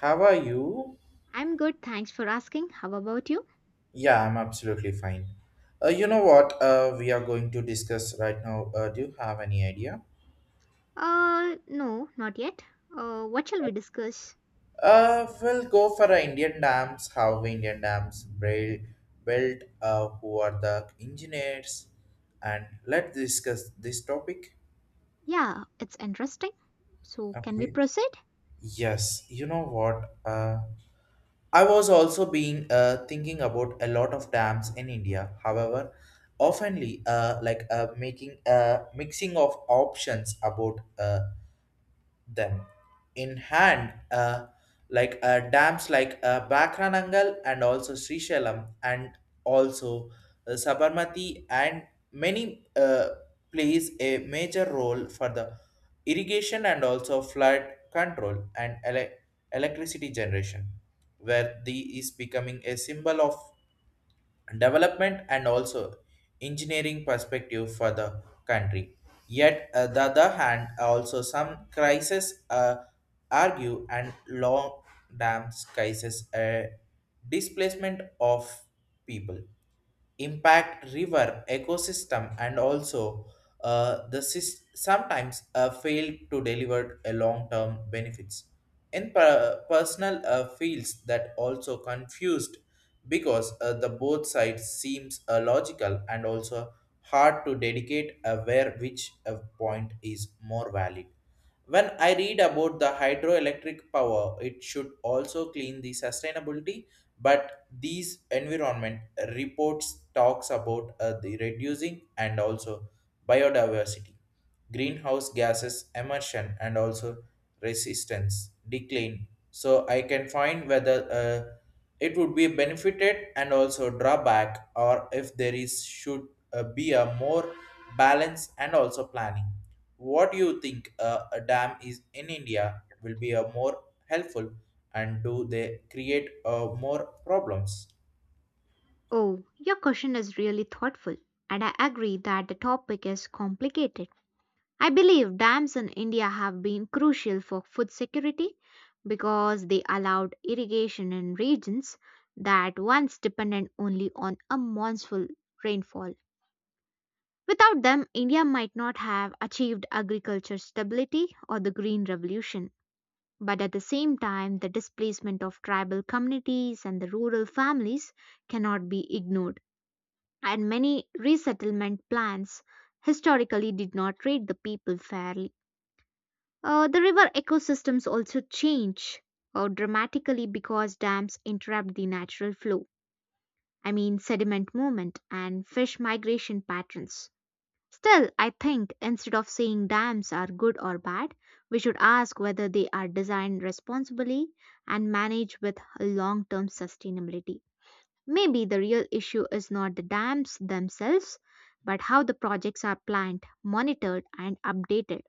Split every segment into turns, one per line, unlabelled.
How are you?
I'm good, thanks for asking. How about you?
Yeah, I'm absolutely fine. You know what we are going to discuss right now? Do you have any idea?
No, not yet. What shall we discuss?
We'll go for Indian dams, how Indian dams build, who are the engineers, and let's discuss this topic.
Yeah, it's interesting. So, can we
Okay.
proceed?
Yes, you know what? I was also being thinking about a lot of dams in India. However, oftenly like making a mixing of options about them in hand, like dams like Bakranangal and also Srishalam and also Sabarmati and many, plays a major role for the irrigation and also flood control and electricity generation, where the is becoming a symbol of development and also engineering perspective for the country. Yet, the other hand, also some crises argue and long dams crisis a displacement of people, impact river ecosystem, and also the sometimes fail to deliver a long-term benefits in personal fields. That also confused because the both sides seems logical, and also hard to dedicate where which point is more valid. When I read about the hydroelectric power, it should also clean the sustainability, but these environment reports talks about the reducing and also biodiversity, greenhouse gases emission, and also resistance decline. So I can find whether it would be benefited and also drawback, or if there is should be a more balance and also planning. What do you think, a dam is in India will be a more helpful, and do they create more problems?
Oh, your question is really thoughtful, and I agree that the topic is complicated. I believe dams in India have been crucial for food security because they allowed irrigation in regions that once depended only on a monsoon rainfall. Without them, India might not have achieved agriculture stability or the Green Revolution. But at the same time, the displacement of tribal communities and the rural families cannot be ignored. And many resettlement plans historically did not treat the people fairly. The river ecosystems also change dramatically because dams interrupt the natural flow. I mean, sediment movement and fish migration patterns. Still, I think instead of saying dams are good or bad, we should ask whether they are designed responsibly and managed with long term sustainability. Maybe the real issue is not the dams themselves, but how the projects are planned, monitored, and updated.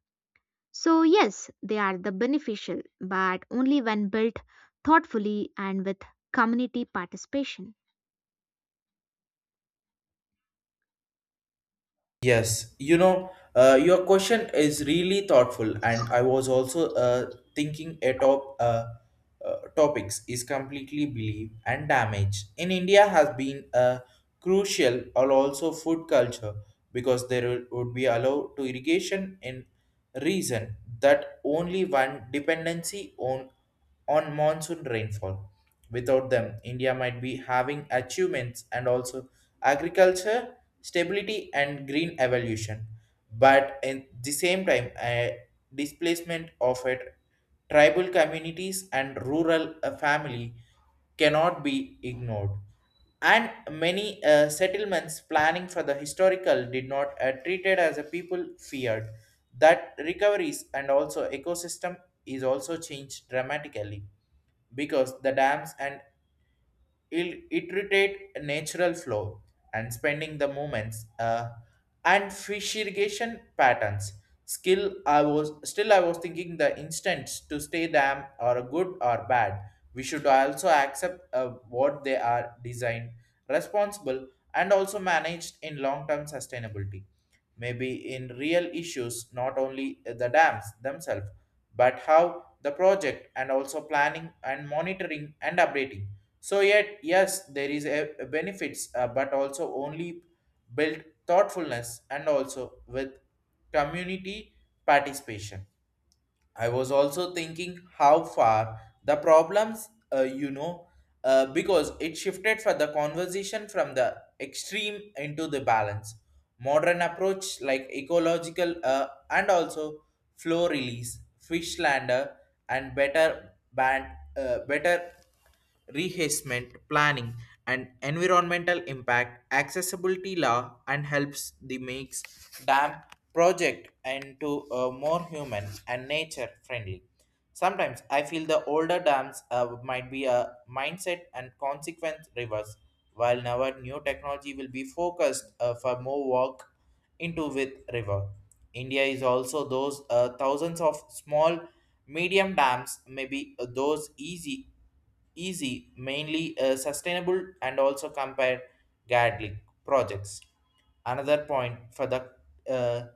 So, yes, they are the beneficial, but only when built thoughtfully and with community participation.
Yes, you know, your question is really thoughtful, and I was also thinking a topics is completely believe, and damage in India has been crucial, or also food culture, because there would be allowed to irrigation in reason that only one dependency on monsoon rainfall. Without them, India might be having achievements and also agriculture stability and green evolution, but at the same time, a displacement of a tribal communities and rural family cannot be ignored, and many settlements planning for the historical did not treated as a people feared. That recoveries and also ecosystem is also changed dramatically, because the dams and iterate natural flow and spending the moments uh, and fish irrigation patterns skill. I was thinking, the instance to stay them are good or bad, we should also accept what they are designed responsible and also managed in long term sustainability. Maybe in real issues not only the dams themselves, but how the project and also planning and monitoring and updating. So yet, yes, there is a benefits, but also only build thoughtfulness and also with community participation. I was also thinking how far the problems, because it shifted for the conversation from the extreme into the balance. Modern approach like ecological and also flow release, fish lander, and better band, better rehasement planning, and environmental impact accessibility law, and helps the makes dam project into a more human and nature friendly. Sometimes I feel the older dams might be a mindset and consequence reverse, while now new technology will be focused for more work into with river. India is also those thousands of small medium dams, maybe those easy, mainly sustainable, and also compare gadling projects. Another point for the, uh,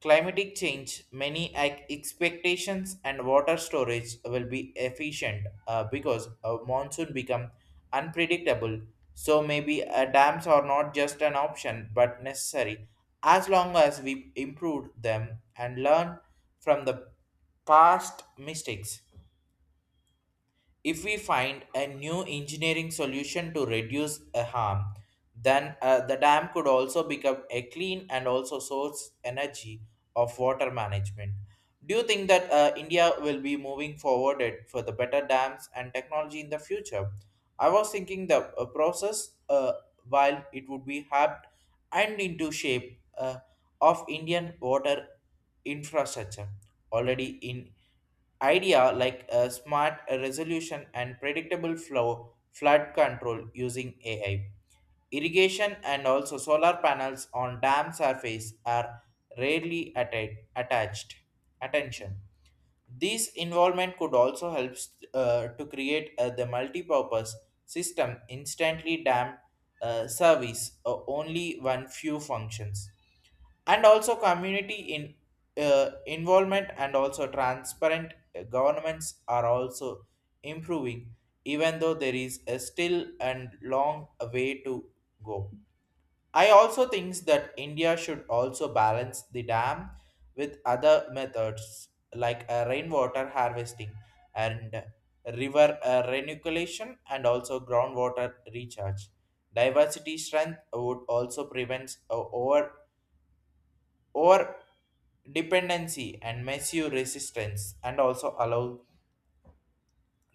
climatic change, many expectations, and water storage will be efficient because a monsoon become unpredictable. So maybe dams are not just an option but necessary, as long as we improve them and learn from the past mistakes. If we find a new engineering solution to reduce a harm, then the dam could also become a clean and also source energy of water management. Do you think that India will be moving forward it for the better dams and technology in the future? I was thinking the process, while it would be helped and into shape of Indian water infrastructure, already in idea like a smart resolution and predictable flow flood control using AI. Irrigation and also solar panels on dam surface are rarely attached. Attention. This involvement could also help to create the multi-purpose system, instantly dam service only one few functions, and also community in involvement, and also transparent governments are also improving, even though there is a still and long way to go. I also think that India should also balance the dam with other methods like rainwater harvesting, and river renucleation, and also groundwater recharge. Diversity strength would also prevent over or dependency and massive resistance, and also allow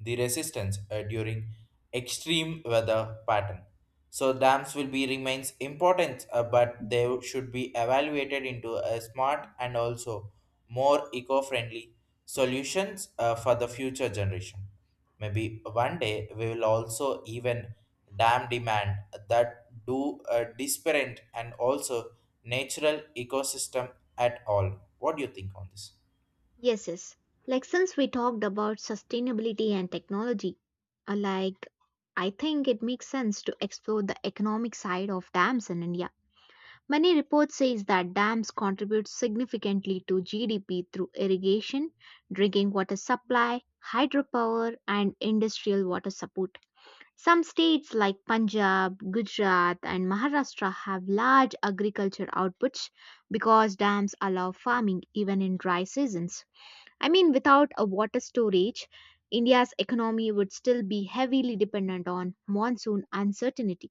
the resistance during extreme weather pattern. So dams will be remains important, but they should be evaluated into a smart and also more eco-friendly solutions for the future generation. Maybe one day we will also even dam demand that do a disparate and also natural ecosystem at all. What do you think on this?
Yes, yes. Like since we talked about sustainability and technology, like I think it makes sense to explore the economic side of dams in India. Many reports says that dams contribute significantly to GDP through irrigation, drinking water supply, hydropower and industrial water support. Some states like Punjab, Gujarat and Maharashtra have large agriculture outputs because dams allow farming even in dry seasons. I mean, without a water storage, India's economy would still be heavily dependent on monsoon uncertainty,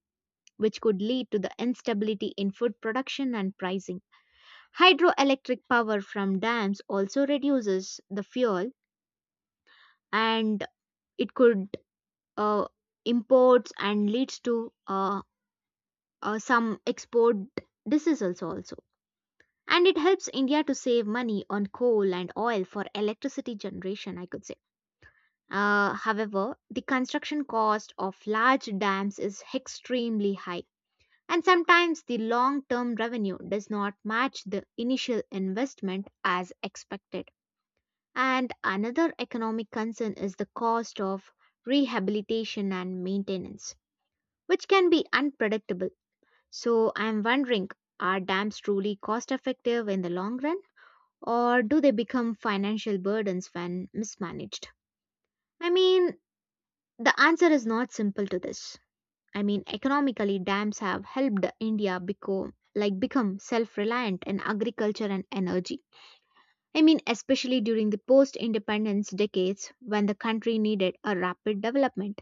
which could lead to the instability in food production and pricing. Hydroelectric power from dams also reduces the fuel and it could uh, imports and leads to some export decisions also. And it helps India to save money on coal and oil for electricity generation, I could say. However, the construction cost of large dams is extremely high, and sometimes the long term revenue does not match the initial investment as expected. And another economic concern is the cost of rehabilitation and maintenance, which can be unpredictable. So, I am wondering, are dams truly cost effective in the long run, or do they become financial burdens when mismanaged? I mean, the answer is not simple to this. I mean, economically, dams have helped India become like become self-reliant in agriculture and energy. I mean, especially during the post-independence decades when the country needed a rapid development.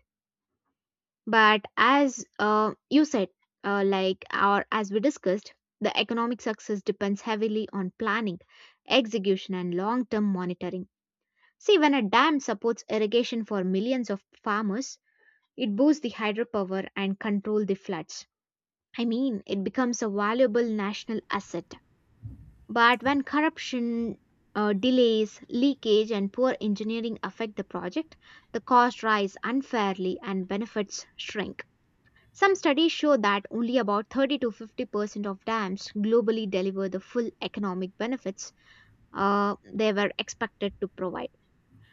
But as you said, like or as we discussed, the economic success depends heavily on planning, execution, and long-term monitoring. See, when a dam supports irrigation for millions of farmers, it boosts the hydropower and control the floods. I mean, it becomes a valuable national asset. But when corruption, delays, leakage, and poor engineering affect the project, the costs rise unfairly and benefits shrink. Some studies show that only about 30 to 50% of dams globally deliver the full economic benefits they were expected to provide.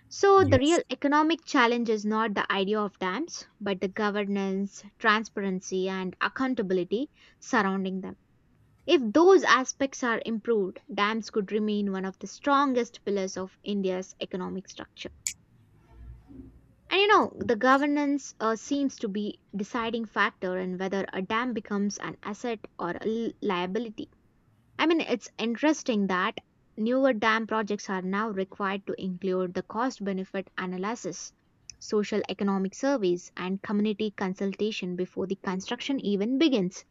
So, the
Yes.
real economic challenge is not the idea of dams, but the governance, transparency, and accountability surrounding them. If those aspects are improved, dams could remain one of the strongest pillars of India's economic structure. And you know, the governance seems to be deciding factor in whether a dam becomes an asset or a liability. I mean, it's interesting that newer dam projects are now required to include the cost benefit analysis, social economic surveys, and community consultation before the construction even begins.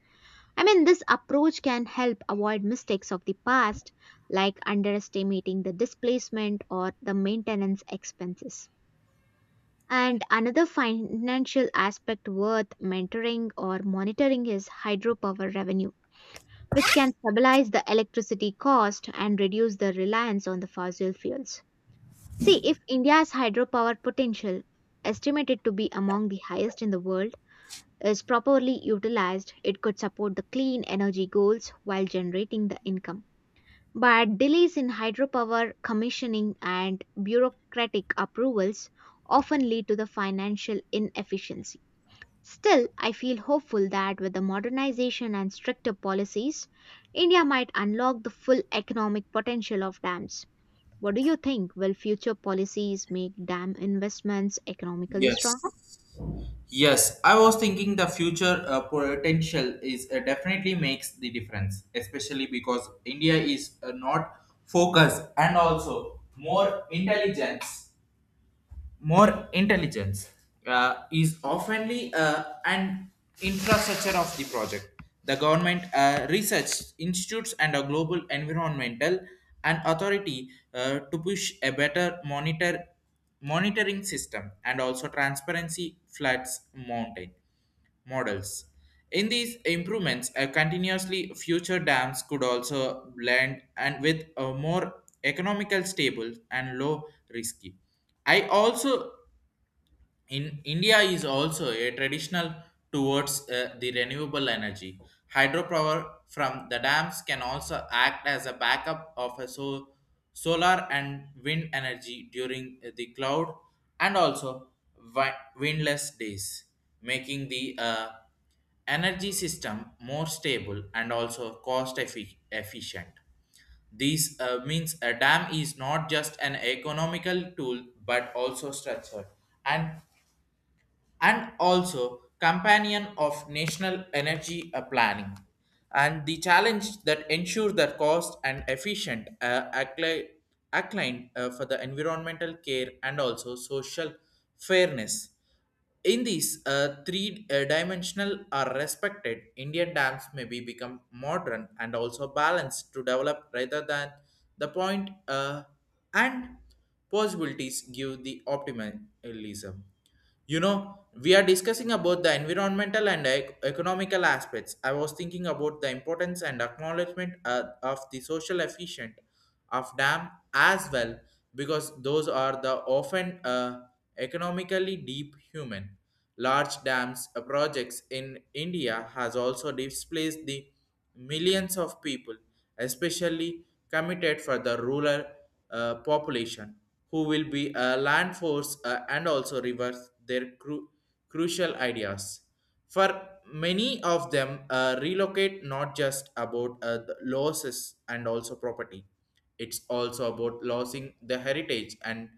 I mean, this approach can help avoid mistakes of the past, like underestimating the displacement or the maintenance expenses. And another financial aspect worth mentoring or monitoring is hydropower revenue, which can stabilize the electricity cost and reduce the reliance on the fossil fuels. See, if India's hydropower potential, estimated to be among the highest in the world, is properly utilized, it could support the clean energy goals while generating the income. But delays in hydropower commissioning and bureaucratic approvals often lead to the financial inefficiency. Still, I feel hopeful that with the modernization and stricter policies, India might unlock the full economic potential of dams. What do you think? Will future policies make dam investments economically
Yes.
stronger?
Yes, I was thinking the future potential is definitely makes the difference, especially because India is not focused and also more intelligence, more intelligence is oftenly an infrastructure of the project. The government, research institutes, and a global environmental and authority to push a better monitoring system and also transparency floods mountain models. In these improvements, a continuously future dams could also blend and with a more economical stable and low risky. I also in India is also a traditional towards the renewable energy. Hydropower from the dams can also act as a backup of a solar and wind energy during the cloud and also windless days, making the energy system more stable and also cost efficient. This means a dam is not just an economical tool but also structured, and and also companion of national energy planning, and the challenge that ensure that cost and efficient, acclined for the environmental care and also social fairness. In these three dimensional are respected, Indian dams may be become modern and also balanced to develop rather than the point, and possibilities give the optimism. You know, we are discussing about the environmental and economical aspects. I was thinking about the importance and acknowledgement of the social efficient of dam as well, because those are the often economically deep human. Large dams projects in India has also displaced the millions of people, especially committed for the rural population, who will be a land force and also reverse their crucial ideas. For many of them, relocate not just about the losses and also property. It's also about losing the heritage and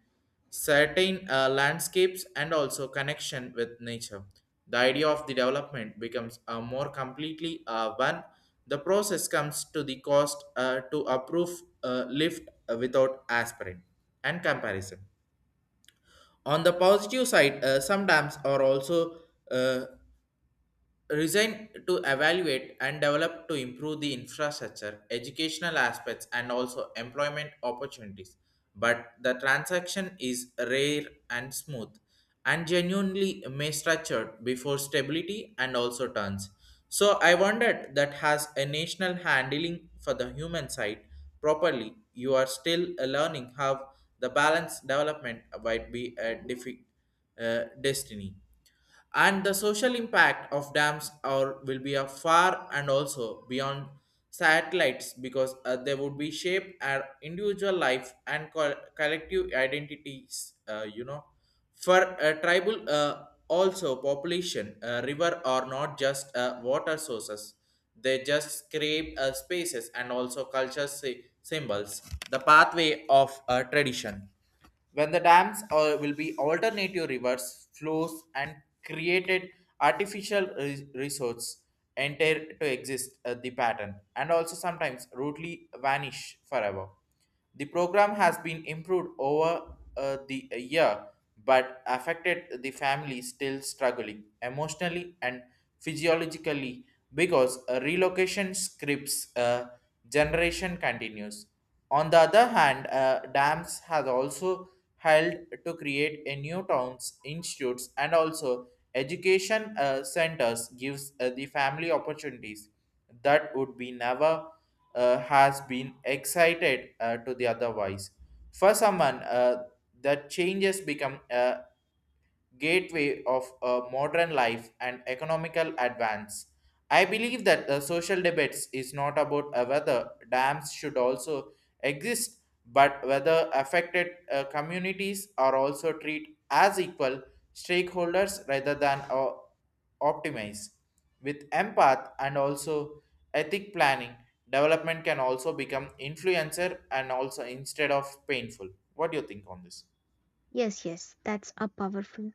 certain landscapes, and also connection with nature. The idea of the development becomes more completely when the process comes to the cost to approve lift without aspirin and comparison. On the positive side, sometimes are also uh, resign to evaluate and develop to improve the infrastructure, educational aspects, and also employment opportunities. But the transaction is rare and smooth and genuinely may structured before stability and also turns. So I wondered that has a national handling for the human side properly. You are still learning how the balance development might be a destiny. And the social impact of dams are will be a far and also beyond satellites, because they would be shape our individual life and collective identities. For a tribal also population, river are not just water sources, they just scrape spaces and also culture symbols, the pathway of tradition. When the dams will be alternative rivers flows, and created artificial resource, enter to exist the pattern, and also sometimes rudely vanish forever. The program has been improved over the year, but affected the family still struggling emotionally and physiologically, because relocation scripts generation continues. On the other hand, dams has also helped to create a new towns, institutes, and also education centers, gives the family opportunities that would be never has been excited to the otherwise. For someone, the changes become gateway of modern life and economical advance. I believe that the social debates is not about whether dams should also exist, but whether affected communities are also treated as equal stakeholders rather than optimize. With empath and also ethic planning, development can also become influencer and also instead of painful. What do you think on this?
Yes, yes, that's a powerful,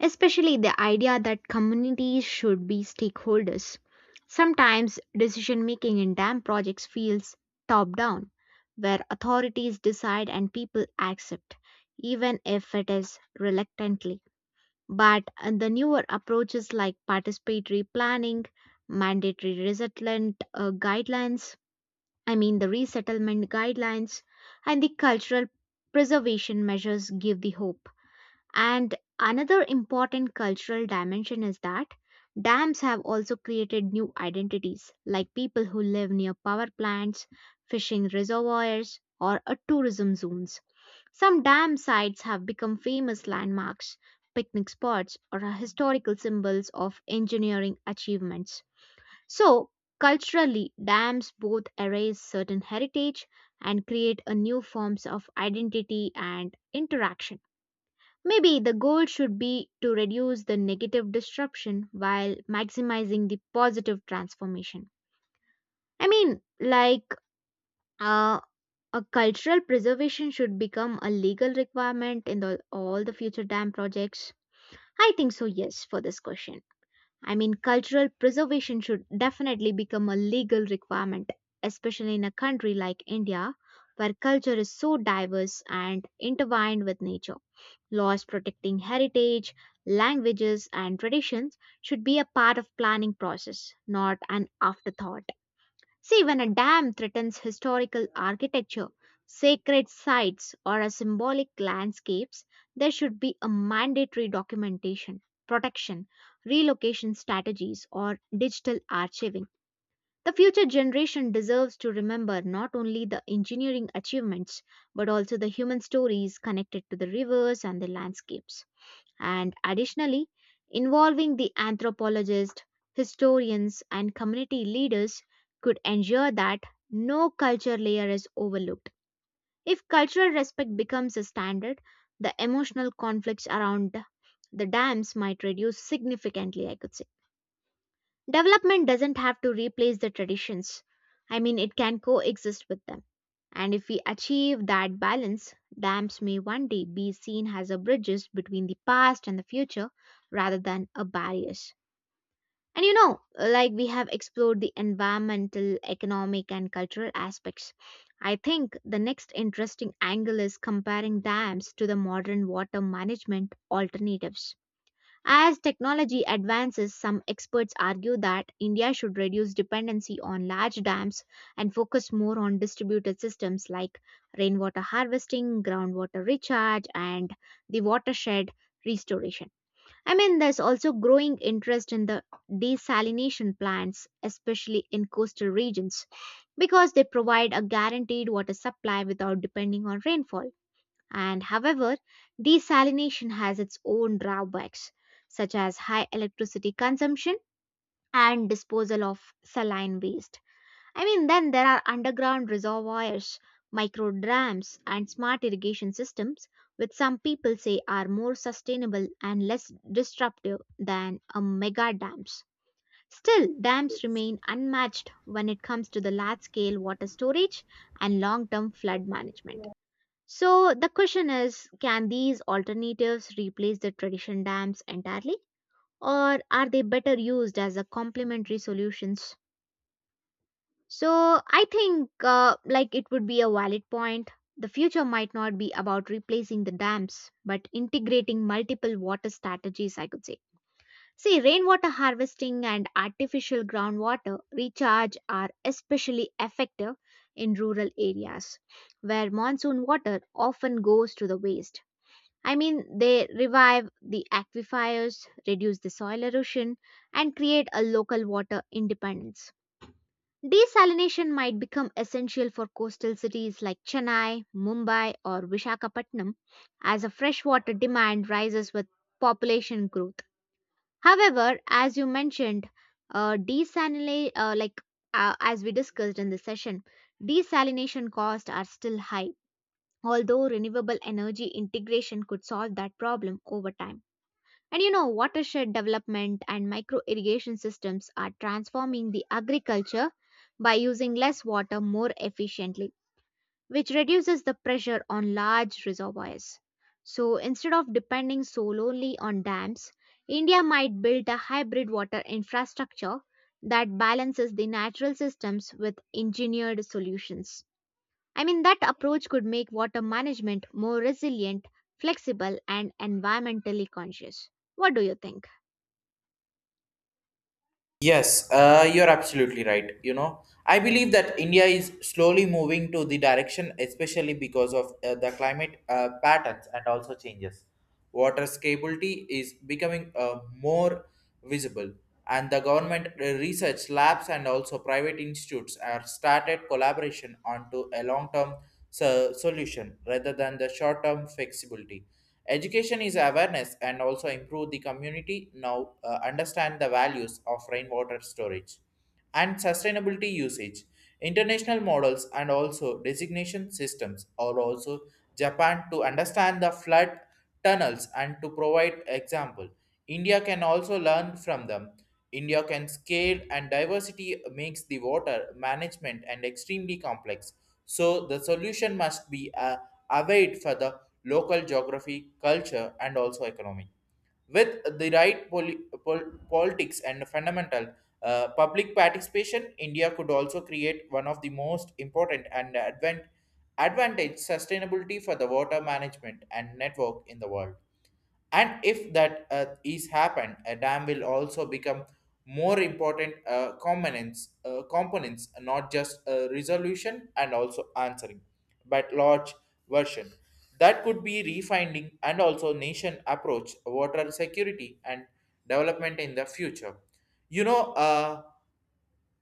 especially the idea that communities should be stakeholders. Sometimes decision making in dam projects feels top down, where authorities decide and people accept, even if it is reluctantly. But the newer approaches like participatory planning, mandatory resettlement guidelines, I mean the resettlement guidelines, and the cultural preservation measures give the hope. And another important cultural dimension is that dams have also created new identities, like people who live near power plants, fishing reservoirs, or tourism zones. Some dam sites have become famous landmarks, picnic spots, or are historical symbols of engineering achievements. So, culturally, dams both erase certain heritage and create a new forms of identity and interaction. Maybe the goal should be to reduce the negative disruption while maximizing the positive transformation. I mean, like uh, a cultural preservation should become a legal requirement in the, all the future dam projects. I think so, yes, for this question. I mean, cultural preservation should definitely become a legal requirement, especially in a country like India, where culture is so diverse and intertwined with nature. Laws protecting heritage, languages, and traditions should be a part of planning process, not an afterthought. See, when a dam threatens historical architecture, sacred sites, or a symbolic landscapes, there should be a mandatory documentation, protection, relocation strategies, or digital archiving. The future generation deserves to remember not only the engineering achievements but also the human stories connected to the rivers and the landscapes, and additionally involving the anthropologists, historians, and community leaders could ensure that no culture layer is overlooked. If cultural respect becomes a standard, the emotional conflicts around the dams might reduce significantly, I could say. Development doesn't have to replace the traditions. I mean, it can coexist with them. And if we achieve that balance, dams may one day be seen as a bridges between the past and the future rather than a barriers. And you know, like we have explored the environmental, economic, and cultural aspects. I think the next interesting angle is comparing dams to the modern water management alternatives. As technology advances, some experts argue that India should reduce dependency on large dams and focus more on distributed systems like rainwater harvesting, groundwater recharge, and the watershed restoration. I mean, there's also growing interest in the desalination plants, especially in coastal regions, because they provide a guaranteed water supply without depending on rainfall. And however, desalination has its own drawbacks, such as high electricity consumption and disposal of saline waste. I mean, then there are underground reservoirs, micro dams, and smart irrigation systems, which some people say are more sustainable and less disruptive than a mega dams. Still, dams remain unmatched when it comes to the large scale water storage and long term flood management. So the question is, can these alternatives replace the tradition dams entirely, or are they better used as a complementary solutions? So I think like it would be a valid point. The future might not be about replacing the dams but integrating multiple water strategies, I could say. See, rainwater harvesting and artificial groundwater recharge are especially effective in rural areas where monsoon water often goes to the waste. I mean, they revive the aquifers, reduce the soil erosion, and create a local water independence. Desalination might become essential for coastal cities like Chennai, Mumbai, or Vishakhapatnam as a freshwater demand rises with population growth. However, as you mentioned, desalination, like as we discussed in the session, desalination costs are still high, although renewable energy integration could solve that problem over time. And you know, watershed development and micro irrigation systems are transforming the agriculture by using less water more efficiently, which reduces the pressure on large reservoirs. So instead of depending solely on dams, India might build a hybrid water infrastructure that balances the natural systems with engineered solutions. I mean, that approach could make water management more resilient, flexible, and environmentally conscious. What do you think?
Yes, you're absolutely right. You know, I believe that India is slowly moving to the direction, especially because of the climate patterns and also changes. Water scarcity is becoming more visible, and the government research labs and also private institutes are started collaboration onto a long-term solution rather than the short-term flexibility. Education is awareness and also improve the community now understand the values of rainwater storage and sustainability usage. International models and also designation systems or also Japan to understand the flood tunnels and to provide example. India can also learn from them. India can scale and diversity makes the water management and extremely complex. So the solution must be await for the local geography, culture, and also economy. With the right politics and fundamental public participation, India could also create one of the most important and advantage sustainability for the water management and network in the world, and if that is happened a dam will also become more important components, not just resolution and also answering but large version that could be refining and also nation approach water security and development in the future you know uh,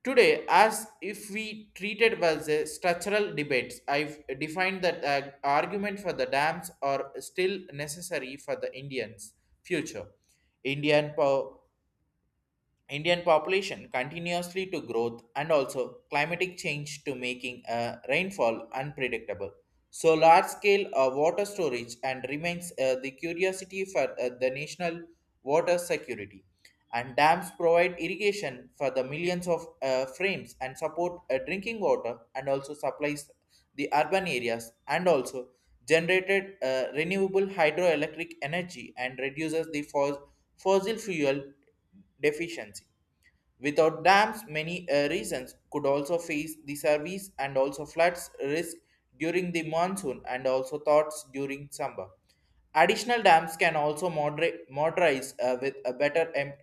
Today, as if we treated was a structural debates, I've defined that argument for the dams are still necessary for the Indians' future. Indian power Indian population continuously to growth and also climatic change to making rainfall unpredictable. So large scale water storage and remains the curiosity for the national water security. And dams provide irrigation for the millions of frames and support drinking water and also supplies the urban areas and also generated renewable hydroelectric energy and reduces the fossil fuel deficiency. Without dams, many regions could also face the service and also floods risk during the monsoon and also thoughts during summer. Additional dams can also moderate, modernize with a better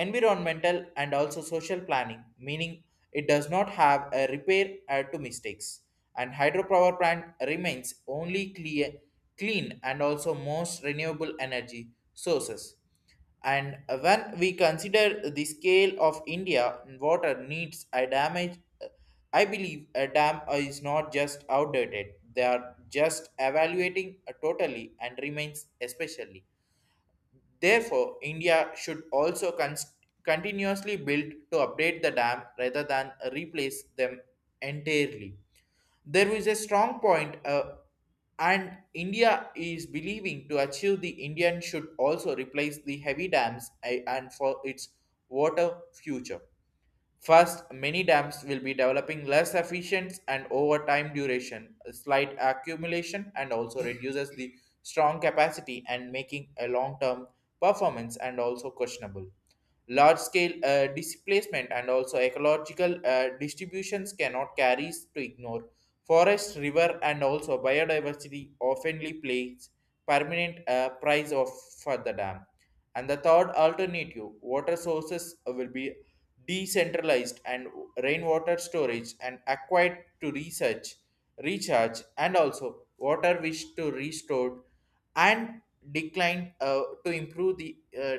environmental and also social planning, meaning it does not have a repair to mistakes, and hydropower plant remains only clean and also most renewable energy sources, and when we consider the scale of India, water needs a damage. I believe a dam is not just outdated; they are just evaluating totally and remains especially. Therefore, India should also continuously build to update the dam rather than replace them entirely. There is a strong point, and India is believing to achieve the Indian should also replace the heavy dams and for its water future. First, many dams will be developing less efficient and over time duration, a slight accumulation, and also reduces the strong capacity and making a long-term performance and also questionable. Large-scale displacement and also ecological distributions cannot carry to ignore. Forest, river, and also biodiversity oftenly plays permanent price of for the dam. And the third alternative, water sources will be decentralized, and rainwater storage and acquired to research, recharge, and also water wish to restore, and decline to improve the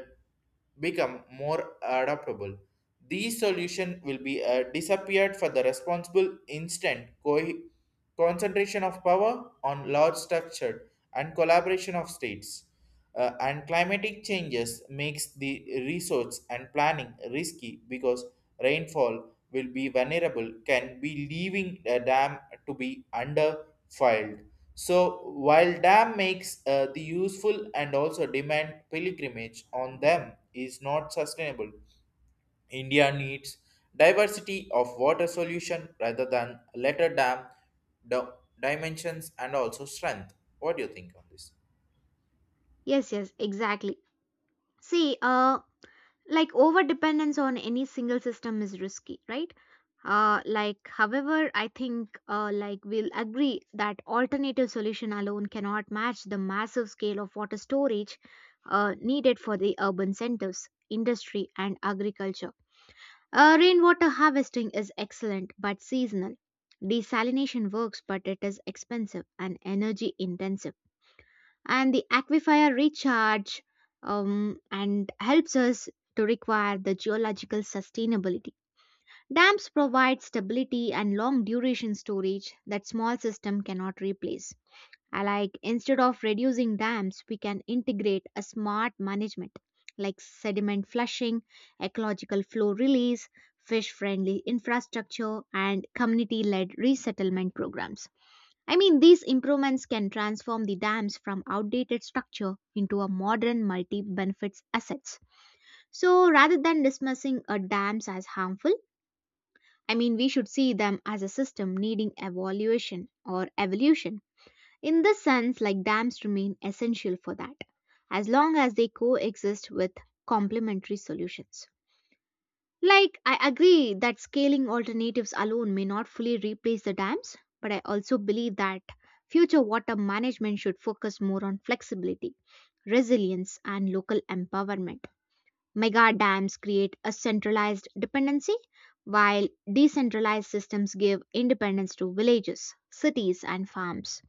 become more adaptable. These solutions will be disappeared for the responsible instant concentration of power on large structure and collaboration of states. And climatic changes makes the resource and planning risky because rainfall will be vulnerable can be leaving a dam to be under, so while dam makes the useful and also demand pilgrimage on them is not sustainable. India needs diversity of water solution rather than letter dam di- dimensions and also strength. What do you think on this?
Yes, yes, exactly. See, like over dependence on any single system is risky, right? Like, however, I think like we'll agree that alternative solution alone cannot match the massive scale of water storage needed for the urban centers, industry, and agriculture. Rainwater harvesting is excellent but seasonal. Desalination works, but it is expensive and energy intensive, and the aquifer recharge and helps us to require the geological sustainability. Dams provide stability and long duration storage that small system cannot replace. I like instead of reducing dams, we can integrate a smart management like sediment flushing, ecological flow release, fish friendly infrastructure, and community led resettlement programs. I mean, these improvements can transform the dams from outdated structure into a modern multi benefits assets. So, rather than dismissing a dams as harmful, I mean, we should see them as a system needing evaluation or evolution. In this sense, like dams remain essential for that, as long as they coexist with complementary solutions. Like, I agree that scaling alternatives alone may not fully replace the dams, but I also believe that future water management should focus more on flexibility, resilience, and local empowerment. Mega dams create a centralized dependency, while decentralized systems give independence to villages, cities, and farms.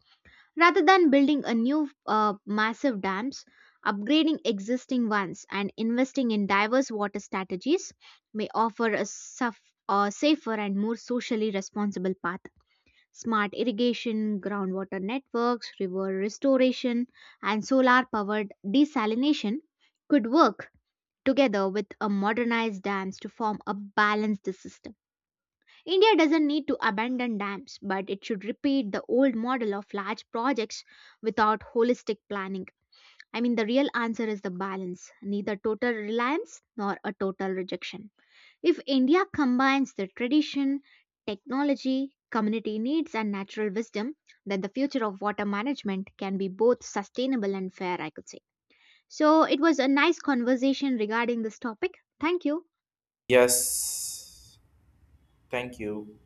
Rather than building a new massive dams, upgrading existing ones and investing in diverse water strategies may offer a safer and more socially responsible path. Smart irrigation, groundwater networks, river restoration, and solar powered desalination could work together with a modernized dams to form a balanced system. India doesn't need to abandon dams, but it should repeat the old model of large projects without holistic planning. I mean, the real answer is the balance, neither total reliance nor a total rejection. If India combines the tradition, technology, community needs, and natural wisdom, then the future of water management can be both sustainable and fair, I could say. So, it was a nice conversation regarding this topic. Thank you.
Yes. Thank you.